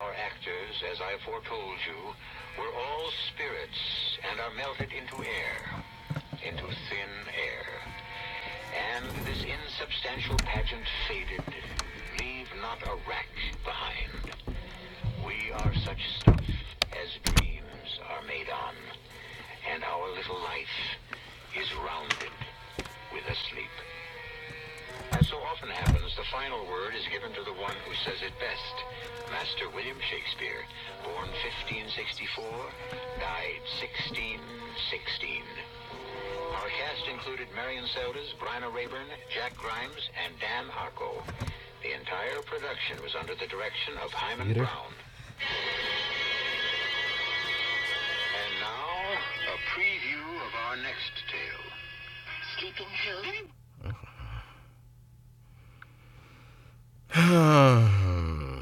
Our actors, as I foretold you, were all spirits and are melted into air, into thin air. And this insubstantial pageant faded, leave not a rack behind. We are such stuff as dreams are made on, and our little life is rounded with a sleep. As so often happens, the final word is given to the one who says it best. Master William Shakespeare, born 1564, died 1616. Our cast included Marion Seldes, Bryna Rayburn, Jack Grimes, and Dan Harco. The entire production was under the direction of Hyman Peter? Brown. And now, a preview of our next tale. Sleeping Hill? All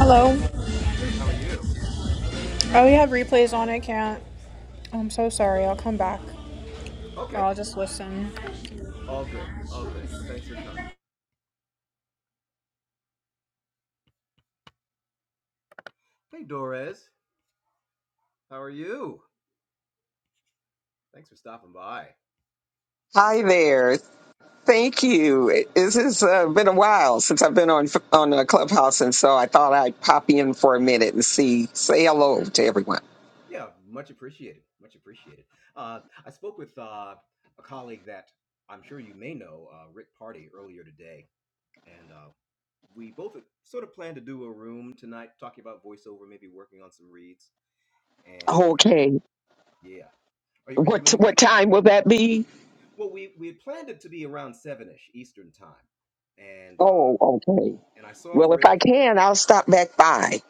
Hello. Oh, you have replays on. I can't. I'm so sorry. I'll come back or I'll just listen. Hi there. Thank you. It- This has uh, been a while since I've been on on uh, Clubhouse, and so I thought I'd pop in for a minute and see, say hello to everyone. Okay. What what time will that be? Oh, okay. Well, if I can, I'll stop back by.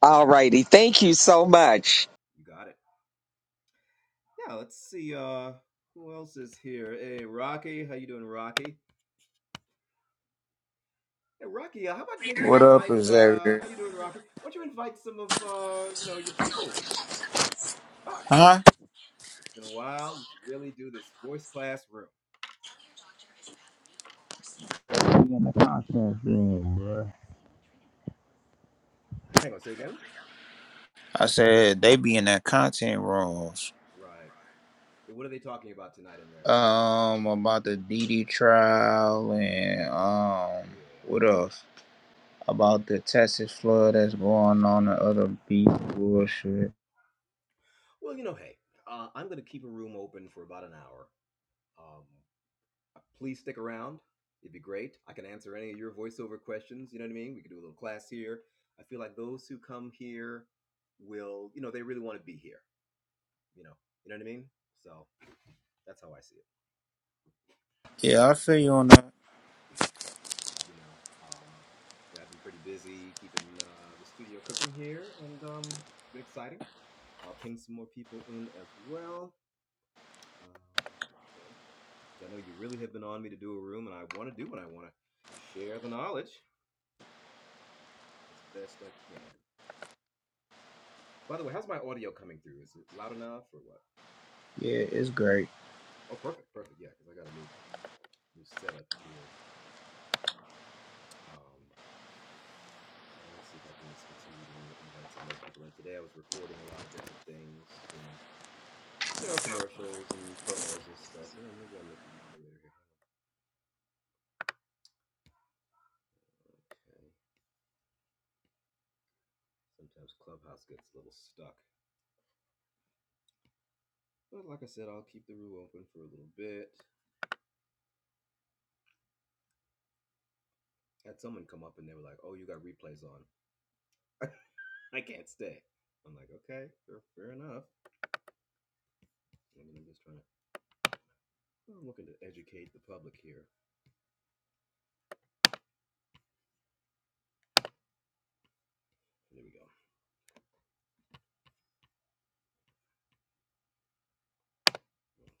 All righty. Thank you so much. What up, Xavier? Huh? They be in the content room, bro. I said they be in that content rooms. Um, about the DD trial and um, what else? About the Texas flood that's going on and other beef bullshit. Yeah, I feel you on that. Yeah, it's great.